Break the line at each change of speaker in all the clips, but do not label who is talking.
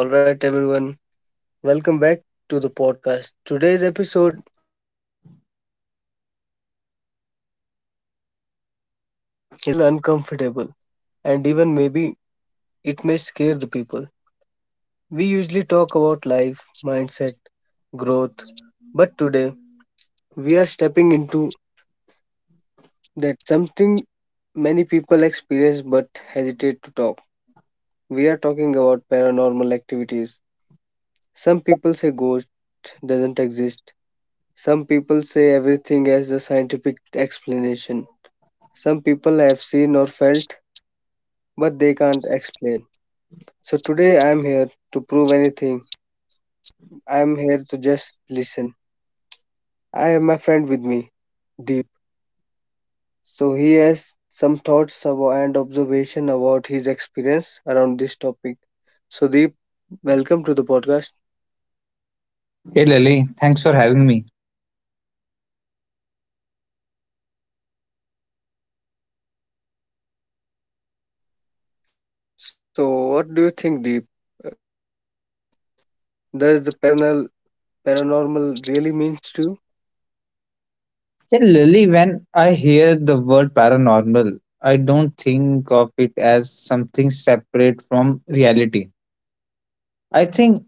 All right, everyone, welcome back to the podcast. Today's episode is going to be a bit different, a little mysterious, a little uncomfortable, and even maybe it may scare the people. We usually talk about life, mindset, growth, but today we are stepping into that something many people experience but hesitate to talk. We are talking about paranormal activities. Some people say ghosts doesn't exist. Some people say everything as a scientific explanation. Some people have seen or felt, but they can't explain. So today I am here to prove anything. I am here to just listen. I have my friend with me, Deep. So he has some and observation about his experience around this topic. So Deep, welcome to the podcast.
Hey Lily, thanks for having me.
So what do you think, Deep? Uh, Does the paranormal really means to you?
Yeah, Lily, when I hear the word paranormal, I don't think of it as something separate from reality. I think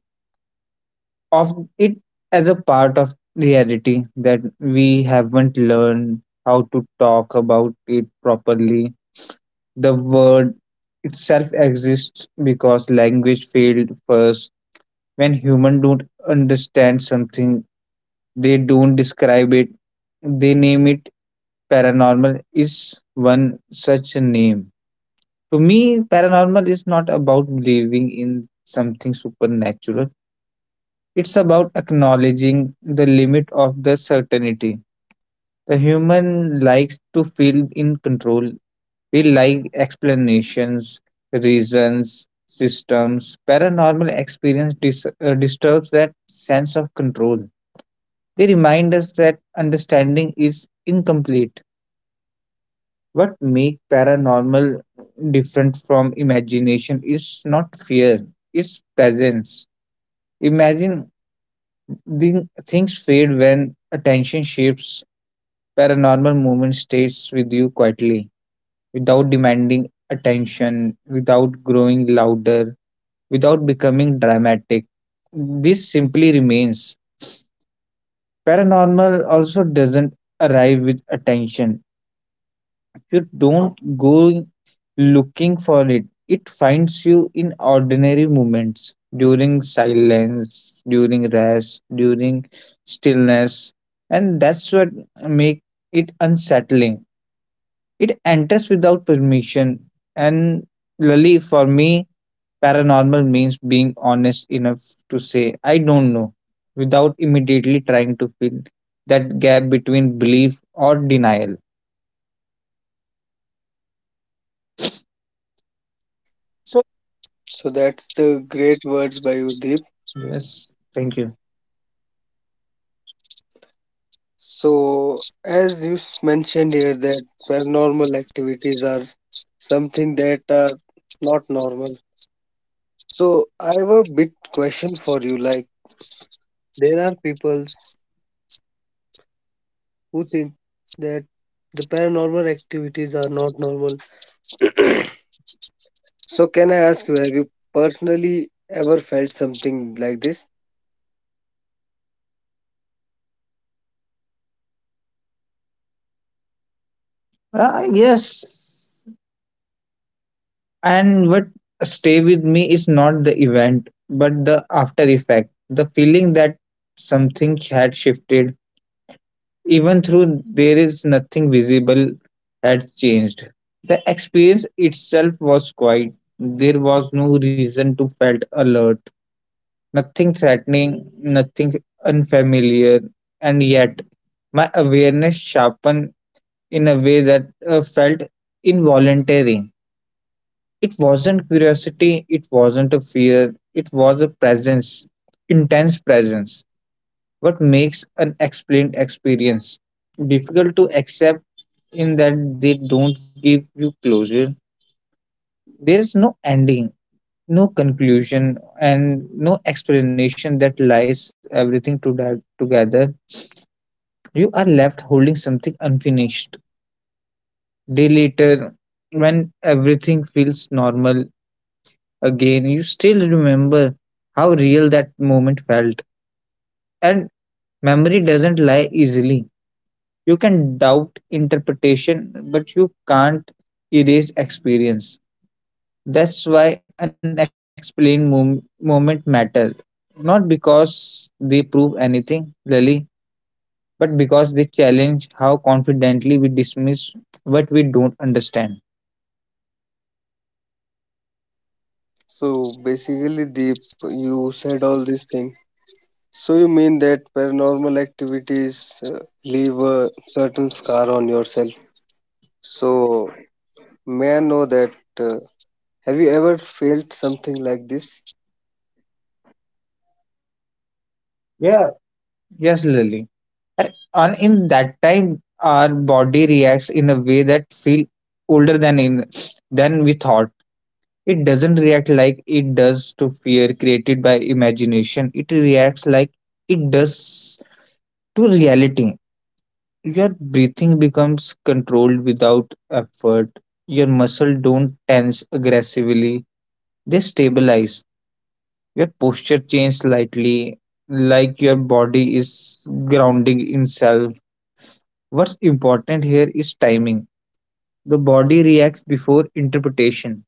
of it as a part of reality that we haven't learned how to talk about it properly. The word itself exists because language failed first. When humans don't understand something, they don't describe it, they name it. Paranormal is one such a name. To me, paranormal is not about believing in something supernatural. It's about acknowledging the limit of the certainty. The human likes to feel in control. We like explanations, reasons, systems. Paranormal experience disturbs that sense of control. They remind us that understanding is incomplete. What makes paranormal different from imagination is not fear, it's presence. Imagine the things fade when attention shifts. Paranormal movement stays with you quietly, without demanding attention, without growing louder, without becoming dramatic. This simply remains. Paranormal also doesn't arrive with attention. You don't go looking for it. It finds you in ordinary moments during silence, during rest, during stillness. And that's what makes it unsettling. It enters without permission. And Lily, for me, paranormal means being honest enough to say, I don't know, without immediately trying to fill that gap between belief or denial. So,
So that's the great words by Udeep.
yes, thank you.
So as mentioned here that paranormal activities are something that are not normal. So I have a bit question for you. Like there are people who think that the paranormal activities are not normal. So can I ask you, have you personally ever felt something like this?
Yes,
Have you personally
and what stay with me is not the event, but the after effect, the feeling that something had shifted, even through there is nothing visible, had changed. The experience itself was quiet. There was no reason to felt alert, nothing threatening, nothing unfamiliar, and yet my awareness sharpened in a way that felt involuntary. It wasn't curiosity, it wasn't a fear, it was a presence, intense presence. What makes an explained experience difficult to accept in that they don't give you closure. There is no ending, no conclusion, and no explanation that lies everything to together. You are left holding something unfinished. Day later, when everything feels normal again, you still remember how real that moment felt. And memory doesn't lie easily. You can doubt interpretation, but you can't erase experience. That's why unexplained moment matter. Not because they prove anything, Lily, but because they challenge how confidently we dismiss what we don't understand.
So basically, Deep, you said all these things. So you mean that paranormal activities leave a certain scar on yourself. So may I know that uh, have you ever felt something like this?
Yeah, yes, Lily, and in that time our body reacts in a way that feel older than in than we thought. It doesn't react like it does to fear created by imagination, it reacts like it does to reality. Your breathing becomes controlled without effort, your muscles don't tense aggressively, they stabilize, your posture changes slightly, like your body is grounding itself. What's important here is timing. The body reacts before interpretation,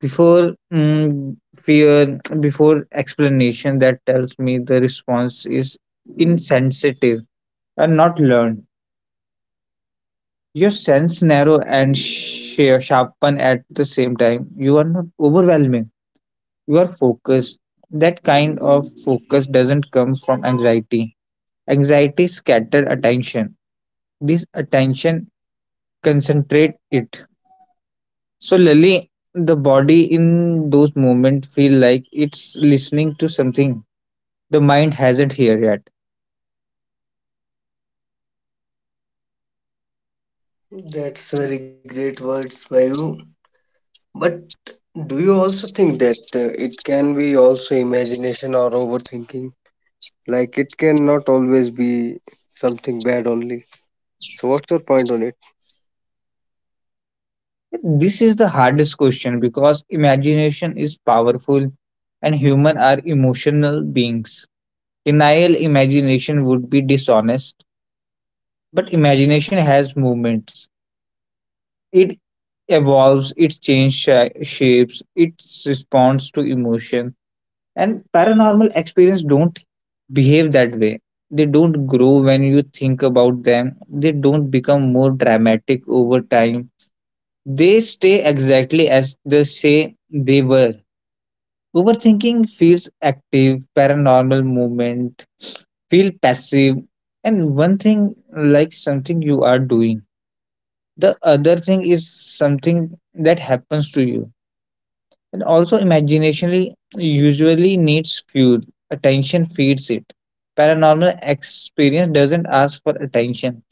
before fear, before explanation that tells me the response is insensitive and not learned. Your sense narrow and sharpen at the same time. You are not overwhelming. You are focused. That kind of focus doesn't come from anxiety. Anxiety scattered attention. This attention concentrate it. So, Lily, the body in those moments feel like it's listening to something the mind hasn't heard yet.
That's very great words by you. But do you also think that it can be also imagination or overthinking? Like it cannot always be something bad only. So what's your point on it?
This is the hardest question because imagination is powerful and human are emotional beings. Denial imagination would be dishonest, but imagination has movements. It evolves, it changes shapes, it responds to emotion, and paranormal experience don't behave that way. They don't grow when you think about them, they don't become more dramatic over time, they stay exactly as they say they were. Overthinking feels active, paranormal movement feel passive. And one thing like something you are doing, the other thing is something that happens to you. And also, imagination usually needs fuel. Attention feeds it. Paranormal experience doesn't ask for attention.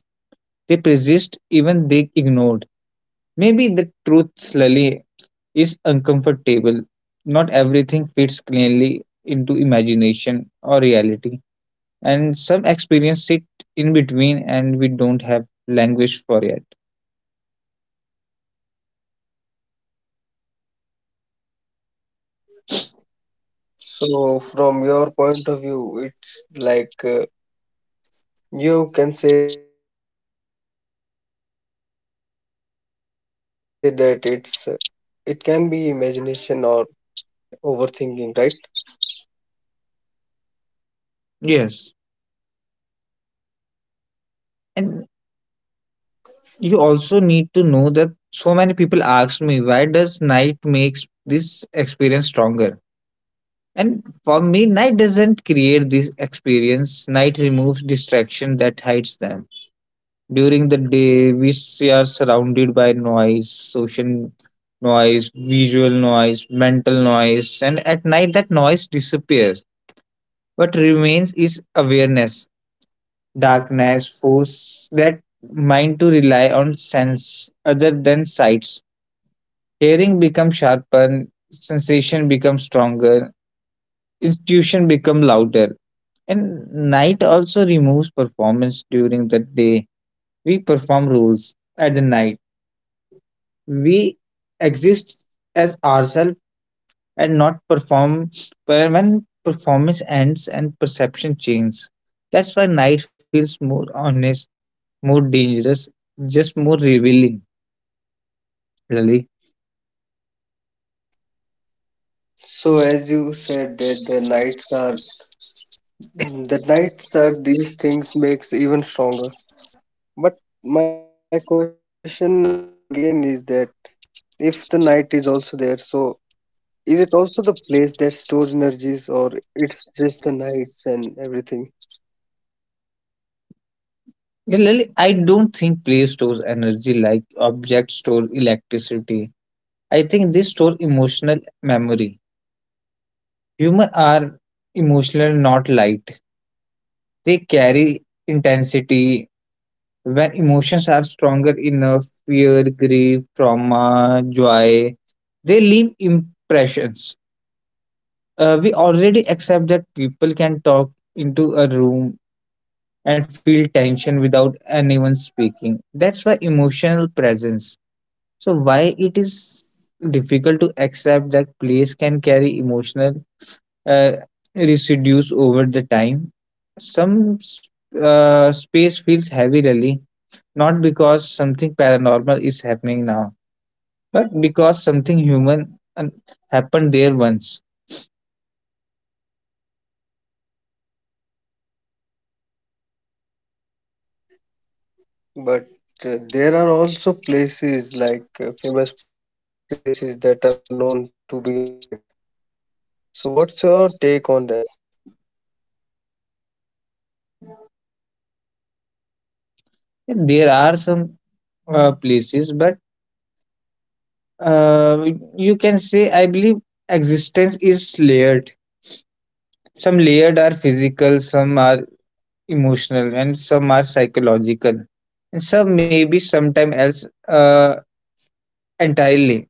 They persist even they ignored. Maybe the truth slowly is uncomfortable. Not everything fits cleanly into imagination or reality. And some experience sit in between and we don't have language for it.
So, from your point of view, it's like you can say that it's it can be imagination or it can be also overthinking, right?
Yes. And you also need to know that so many people ask me, why does night makes this experience stronger? And for me, night doesn't create this experience, night removes distraction that hides them. During the day we are surrounded by noise, social noise, visual noise, mental noise, and at night that noise disappears. What remains is awareness. Darkness force that mind to rely on sense other than sight. Hearing becomes sharper, sensation becomes stronger, intuition becomes louder. And night also removes performance during the day. We perform roles at the night. We exist as ourselves and not perform, but when performance ends and perception changes. That's why night feels more honest, more dangerous, just more revealing, really.
So, as you said that the nights are these things makes even stronger. But my question again is that if the night is also there, so is it also the place that stores energies or it's just the nights and everything?
Lily, I don't think play stores energy like objects store electricity. I think they store emotional memory. Humans are emotional, not light. They carry intensity. When emotions are stronger enough, fear, grief, trauma, joy, they leave impressions. We already accept that people can talk into a room and feel tension without anyone speaking. That's why emotional presence. So why it is difficult to accept that plays can carry emotional uh, residues over the time? Some space feels heavy really, not because something paranormal is happening now, but because something human happened there once.
But there are also places like famous places that are known to be haunted. So, what's your take on that?
There are some places, but uh, you can say I believe existence is layered. Some layered are physical, some are emotional and some are psychological, and some maybe sometime else entirely.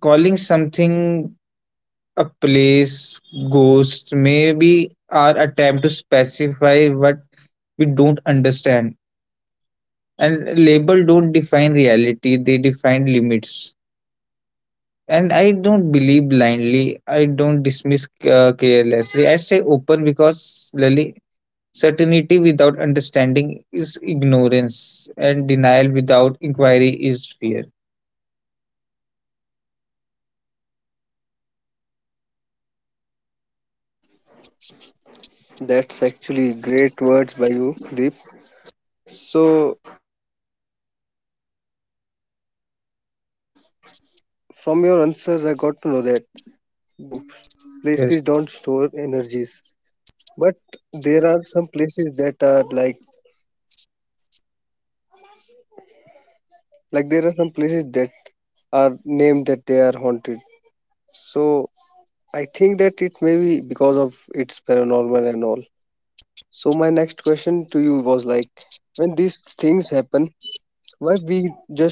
Calling something a place ghost maybe our attempt to specify what we don't understand, and label don't define reality, they define limits. And I don't believe blindly, I don't dismiss carelessly, I stay open because slowly. Certainty without understanding is ignorance, and denial without inquiry is fear.
That's actually great words by you, Deep. So, from your answers, I got to know that from your point of view, places don't store energies, but
Yes.
there are some places that are like there are some places that are named that they are haunted. So I think that it may be because of its paranormal and all. So my next question to you was like, when these things happen, why we just go silent or numb?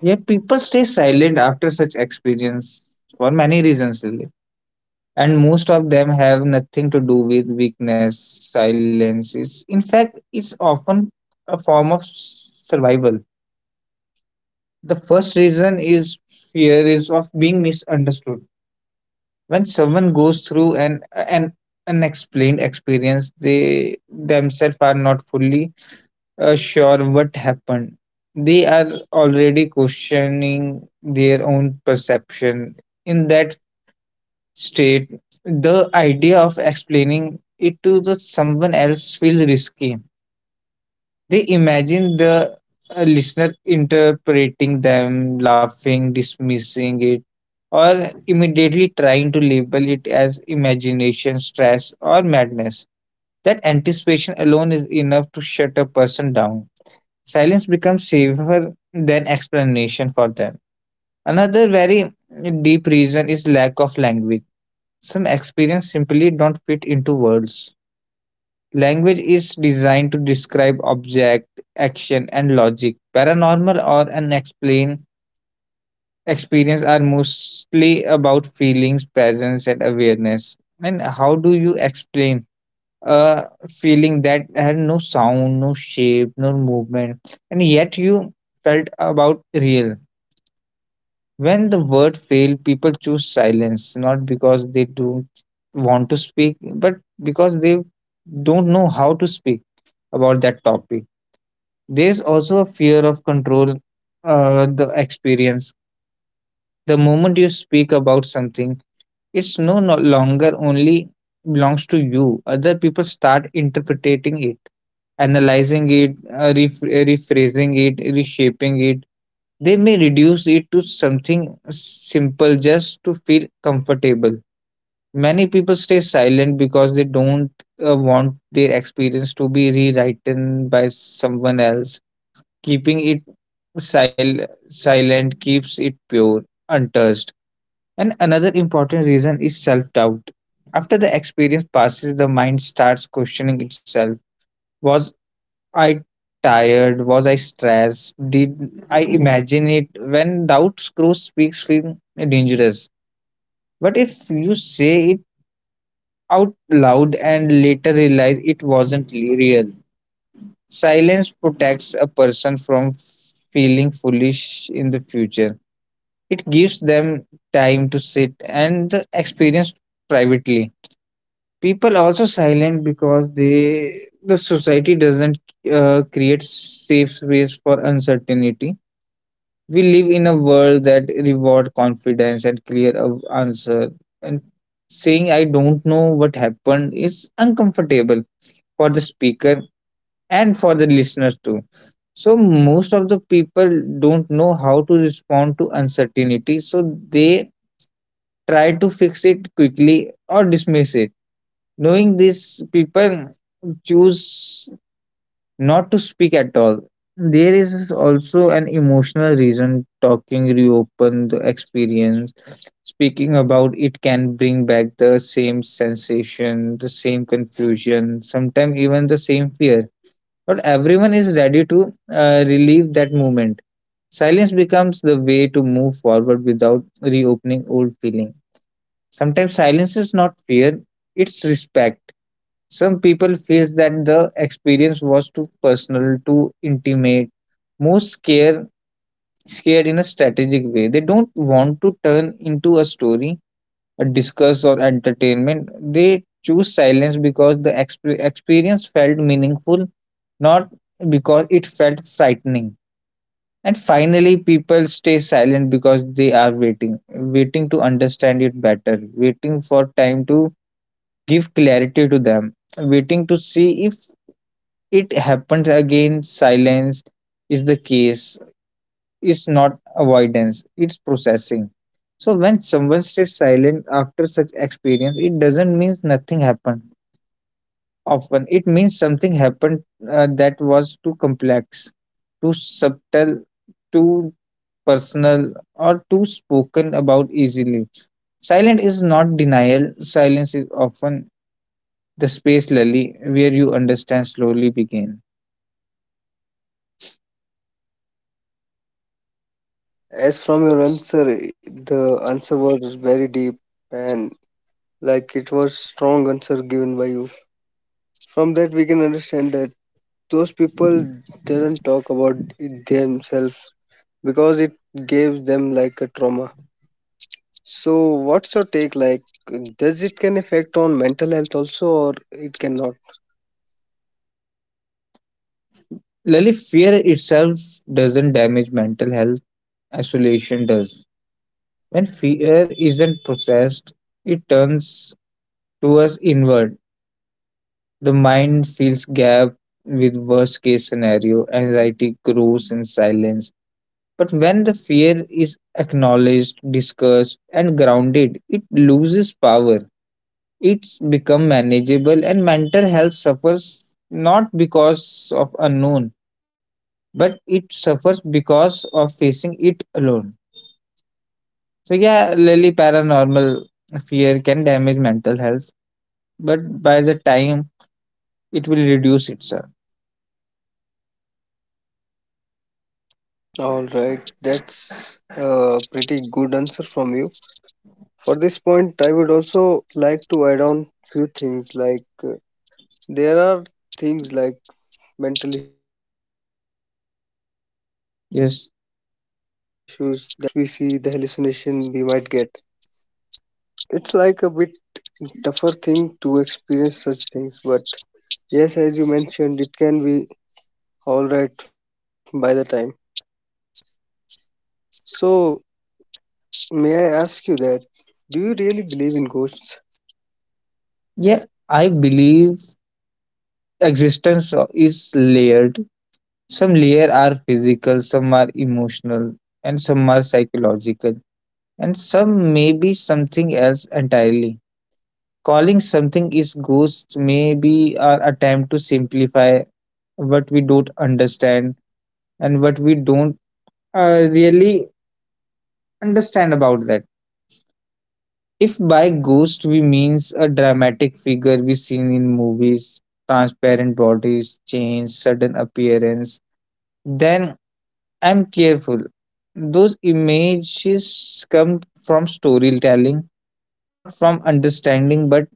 Yeah, people stay silent after such experience for many reasons, really. And most of them have nothing to do with weakness. Silence is, in fact, it's often a form of survival. The first reason is fear is of being misunderstood. When someone goes through an unexplained experience, they themselves are not fully sure what happened. They are already questioning their own perception. In that state, the idea of explaining it to the someone else feels risky. They imagine the listener interpreting them, laughing, dismissing it, or immediately trying to label it as imagination, stress, or madness. That anticipation alone is enough to shut a person down. Silence becomes safer than explanation for them. Another very deep reason is lack of language. Some experiences simply don't fit into words. Language is designed to describe object, action, and logic. Paranormal or unexplained experience are mostly about feelings, presence, and awareness. And how do you explain feeling that had no sound, no shape, no movement, and yet you felt about real. When the word failed, people choose silence, not because they don't want to speak, but because they don't know how to speak about that topic. There's also a fear of control, the experience. The moment you speak about something, it's no longer only belongs to you. Other people start interpreting it, analyzing it, rephrasing it, reshaping it. They may reduce it to something simple just to feel comfortable. Many people stay silent because they don't want their experience to be rewritten by someone else. Keeping it silent keeps it pure, untouched. And another important reason is self doubt. After the experience passes, the mind starts questioning itself. Was I tired? Was I stressed? Did I imagine it? When doubt grows, speaks feel dangerous. But if you say it out loud and later realize it wasn't real, silence protects a person from feeling foolish in the future. It gives them time to sit and the experience privately. People also silent because they the society doesn't create safe space for uncertainty. We live in a world that reward confidence and clear of answer, and saying I don't know what happened is uncomfortable for the speaker and for the listeners too. So most of the people don't know how to respond to uncertainty, so they try to fix it quickly or dismiss it. Knowing this, people choose not to speak at all. There is also an emotional reason, talking reopen the experience. Speaking about it can bring back the same sensation, the same confusion, sometimes even the same fear. Not everyone is ready to relieve that moment. Silence becomes the way to move forward without reopening old feeling. Sometimes silence is not fear, it's respect. Some people feels that the experience was too personal, too intimate, most scared scared in a strategic way. They don't want to turn into a story, a discuss or entertainment. They choose silence because the experience felt meaningful, not because it felt frightening. And finally, people stay silent because they are waiting, waiting to understand it better, waiting for time to give clarity to them, waiting to see if it happens again. Silence is the case. It's not avoidance, it's processing. So when someone stays silent after such experience, it doesn't mean nothing happened. Often it means something happened that was too complex, too subtle, too personal, or too spoken about easily. Silent is not denial. Silence is often the space, Lily, where you understand slowly begins.
All right, Deep. As from your answer, the answer was very deep and like it was strong answer given by you. From that we can understand that those people doesn't talk about it themselves because it gives them like a trauma. So what's your take like? Does it can affect on mental health also or it cannot?
Lily, fear itself doesn't damage mental health, isolation does. When fear isn't processed, it turns to us inward. The mind fills gap with worst case scenario, anxiety grows in silence. But when the fear is acknowledged, discussed, and grounded, it loses power. It's become manageable, and mental health suffers not because of unknown, but it suffers because of facing it alone. So yeah, Lily, paranormal fear can damage mental health, but by the time it will reduce itself.
All right, that's a pretty good answer from you. For this point, I would also like to add on few things like there are things like mental issues that can be created from paranormal things,
Yes.
like the flashbacks we see, the hallucination we might get. It's like a bit tougher thing to experience such things, but yes, as you mentioned, it can be all right by the time. So, may I ask you that do you really believe in ghosts?
Yeah, I believe existence is layered. Some layer are physical, some are emotional, and some are psychological, and some may be something else entirely. Calling something is ghost may be our attempt to simplify what we don't understand and what we don't really understand about that. If by ghost we means a dramatic figure we seen in movies, transparent bodies, change, sudden appearance, then I'm careful. Those images come from storytelling, not from understanding, but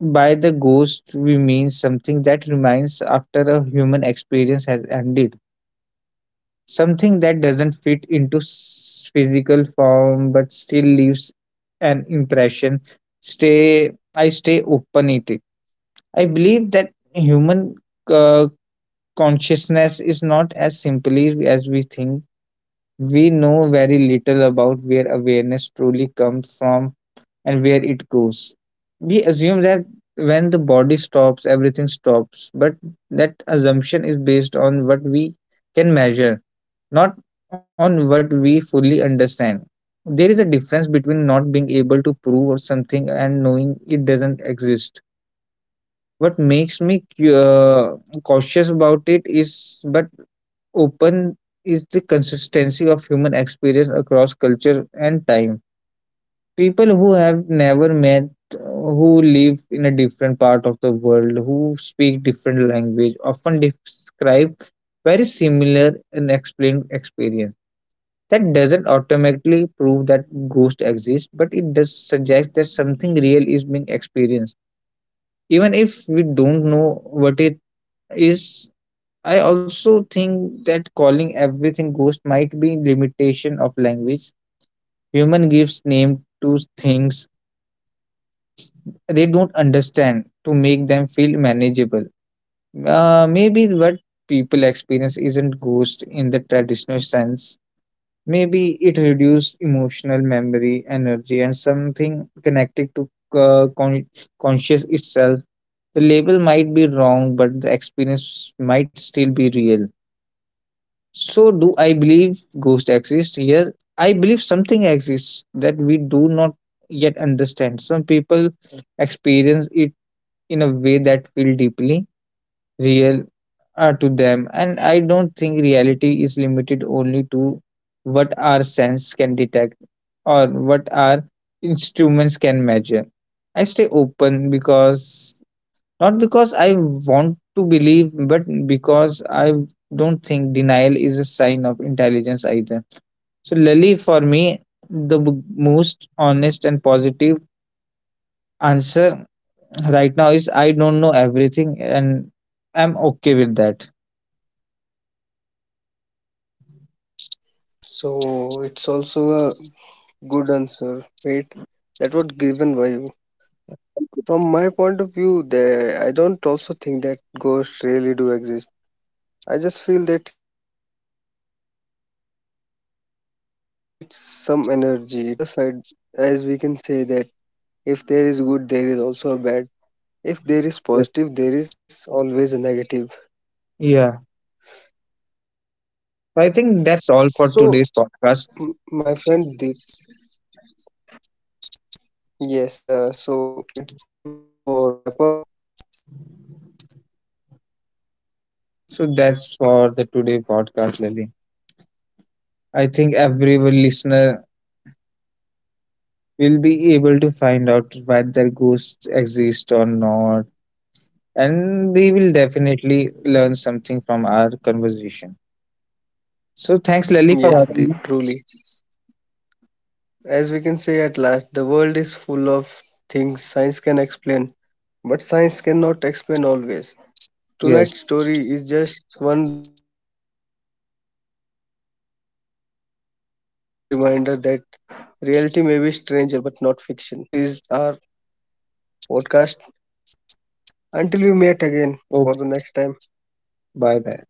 by the ghost we mean something that remains after a human experience has ended. Something that doesn't fit into physical form but still leaves an impression. Stay, I stay open it. I believe that human uh, consciousness is not as simply as we think. We know very little about where awareness truly comes from and where it goes. We assume that when the body stops, everything stops, but that assumption is based on what we can measure, not on what we fully understand. There is a difference between not being able to prove or something and knowing it doesn't exist. What makes me cautious about it is, but open, is the consistency of human experience across culture and time. People who have never met, who live in a different part of the world, who speak different language, often describe very similar and explained experience. That doesn't automatically prove that ghosts exist, but it does suggest that something real is being experienced. Even if we don't know what it is, I also think that calling everything ghost might be limitation of language. Human gives name to things they don't understand to make them feel manageable. Maybe what people experience isn't ghost in the traditional sense. Maybe it reduces emotional memory, energy, and something connected to uh, con- conscious itself. The label might be wrong, but the experience might still be real. So, do I believe ghosts exist? Yes, I believe something exists that we do not yet understand. Some people experience it in a way that feel deeply real to them, and I don't think reality is limited only to what our sense can detect or what our instruments can measure. I stay open, because not because I want to believe, but because I don't think denial is a sign of intelligence either. So Lily, for me, the b- most honest and positive answer right now is I don't know everything, and I'm okay with that.
So it's also a good answer. Wait, that was given by you. From my point of view, there I don't also think that ghosts really do exist. I just feel that it's some energy, it's energy that is present there. And on the other side, as we can say that if there is good, there is also a bad. If there is
Yes.
positive, there is always a negative.
Yeah.
So,
So, I think that's
my
all for
friend Deep,
today's podcast.
yes. So it's time for wrap up.
So that's for the today podcast, Lily. I think every listener will be able to find out whether ghosts exist or not, and they will definitely learn something from our conversation. So
Yes,
thanks,
Deep,
Lily, for
truly.
having me.
As we can say at last, the world is full of things science can explain, but science cannot explain always. Tonight's
Yes.
story is just one reminder that reality may be stranger but not fiction. This is our podcast. Until we meet again for the next time, take care.
Okay.
Bye bye.
Bye. Bye.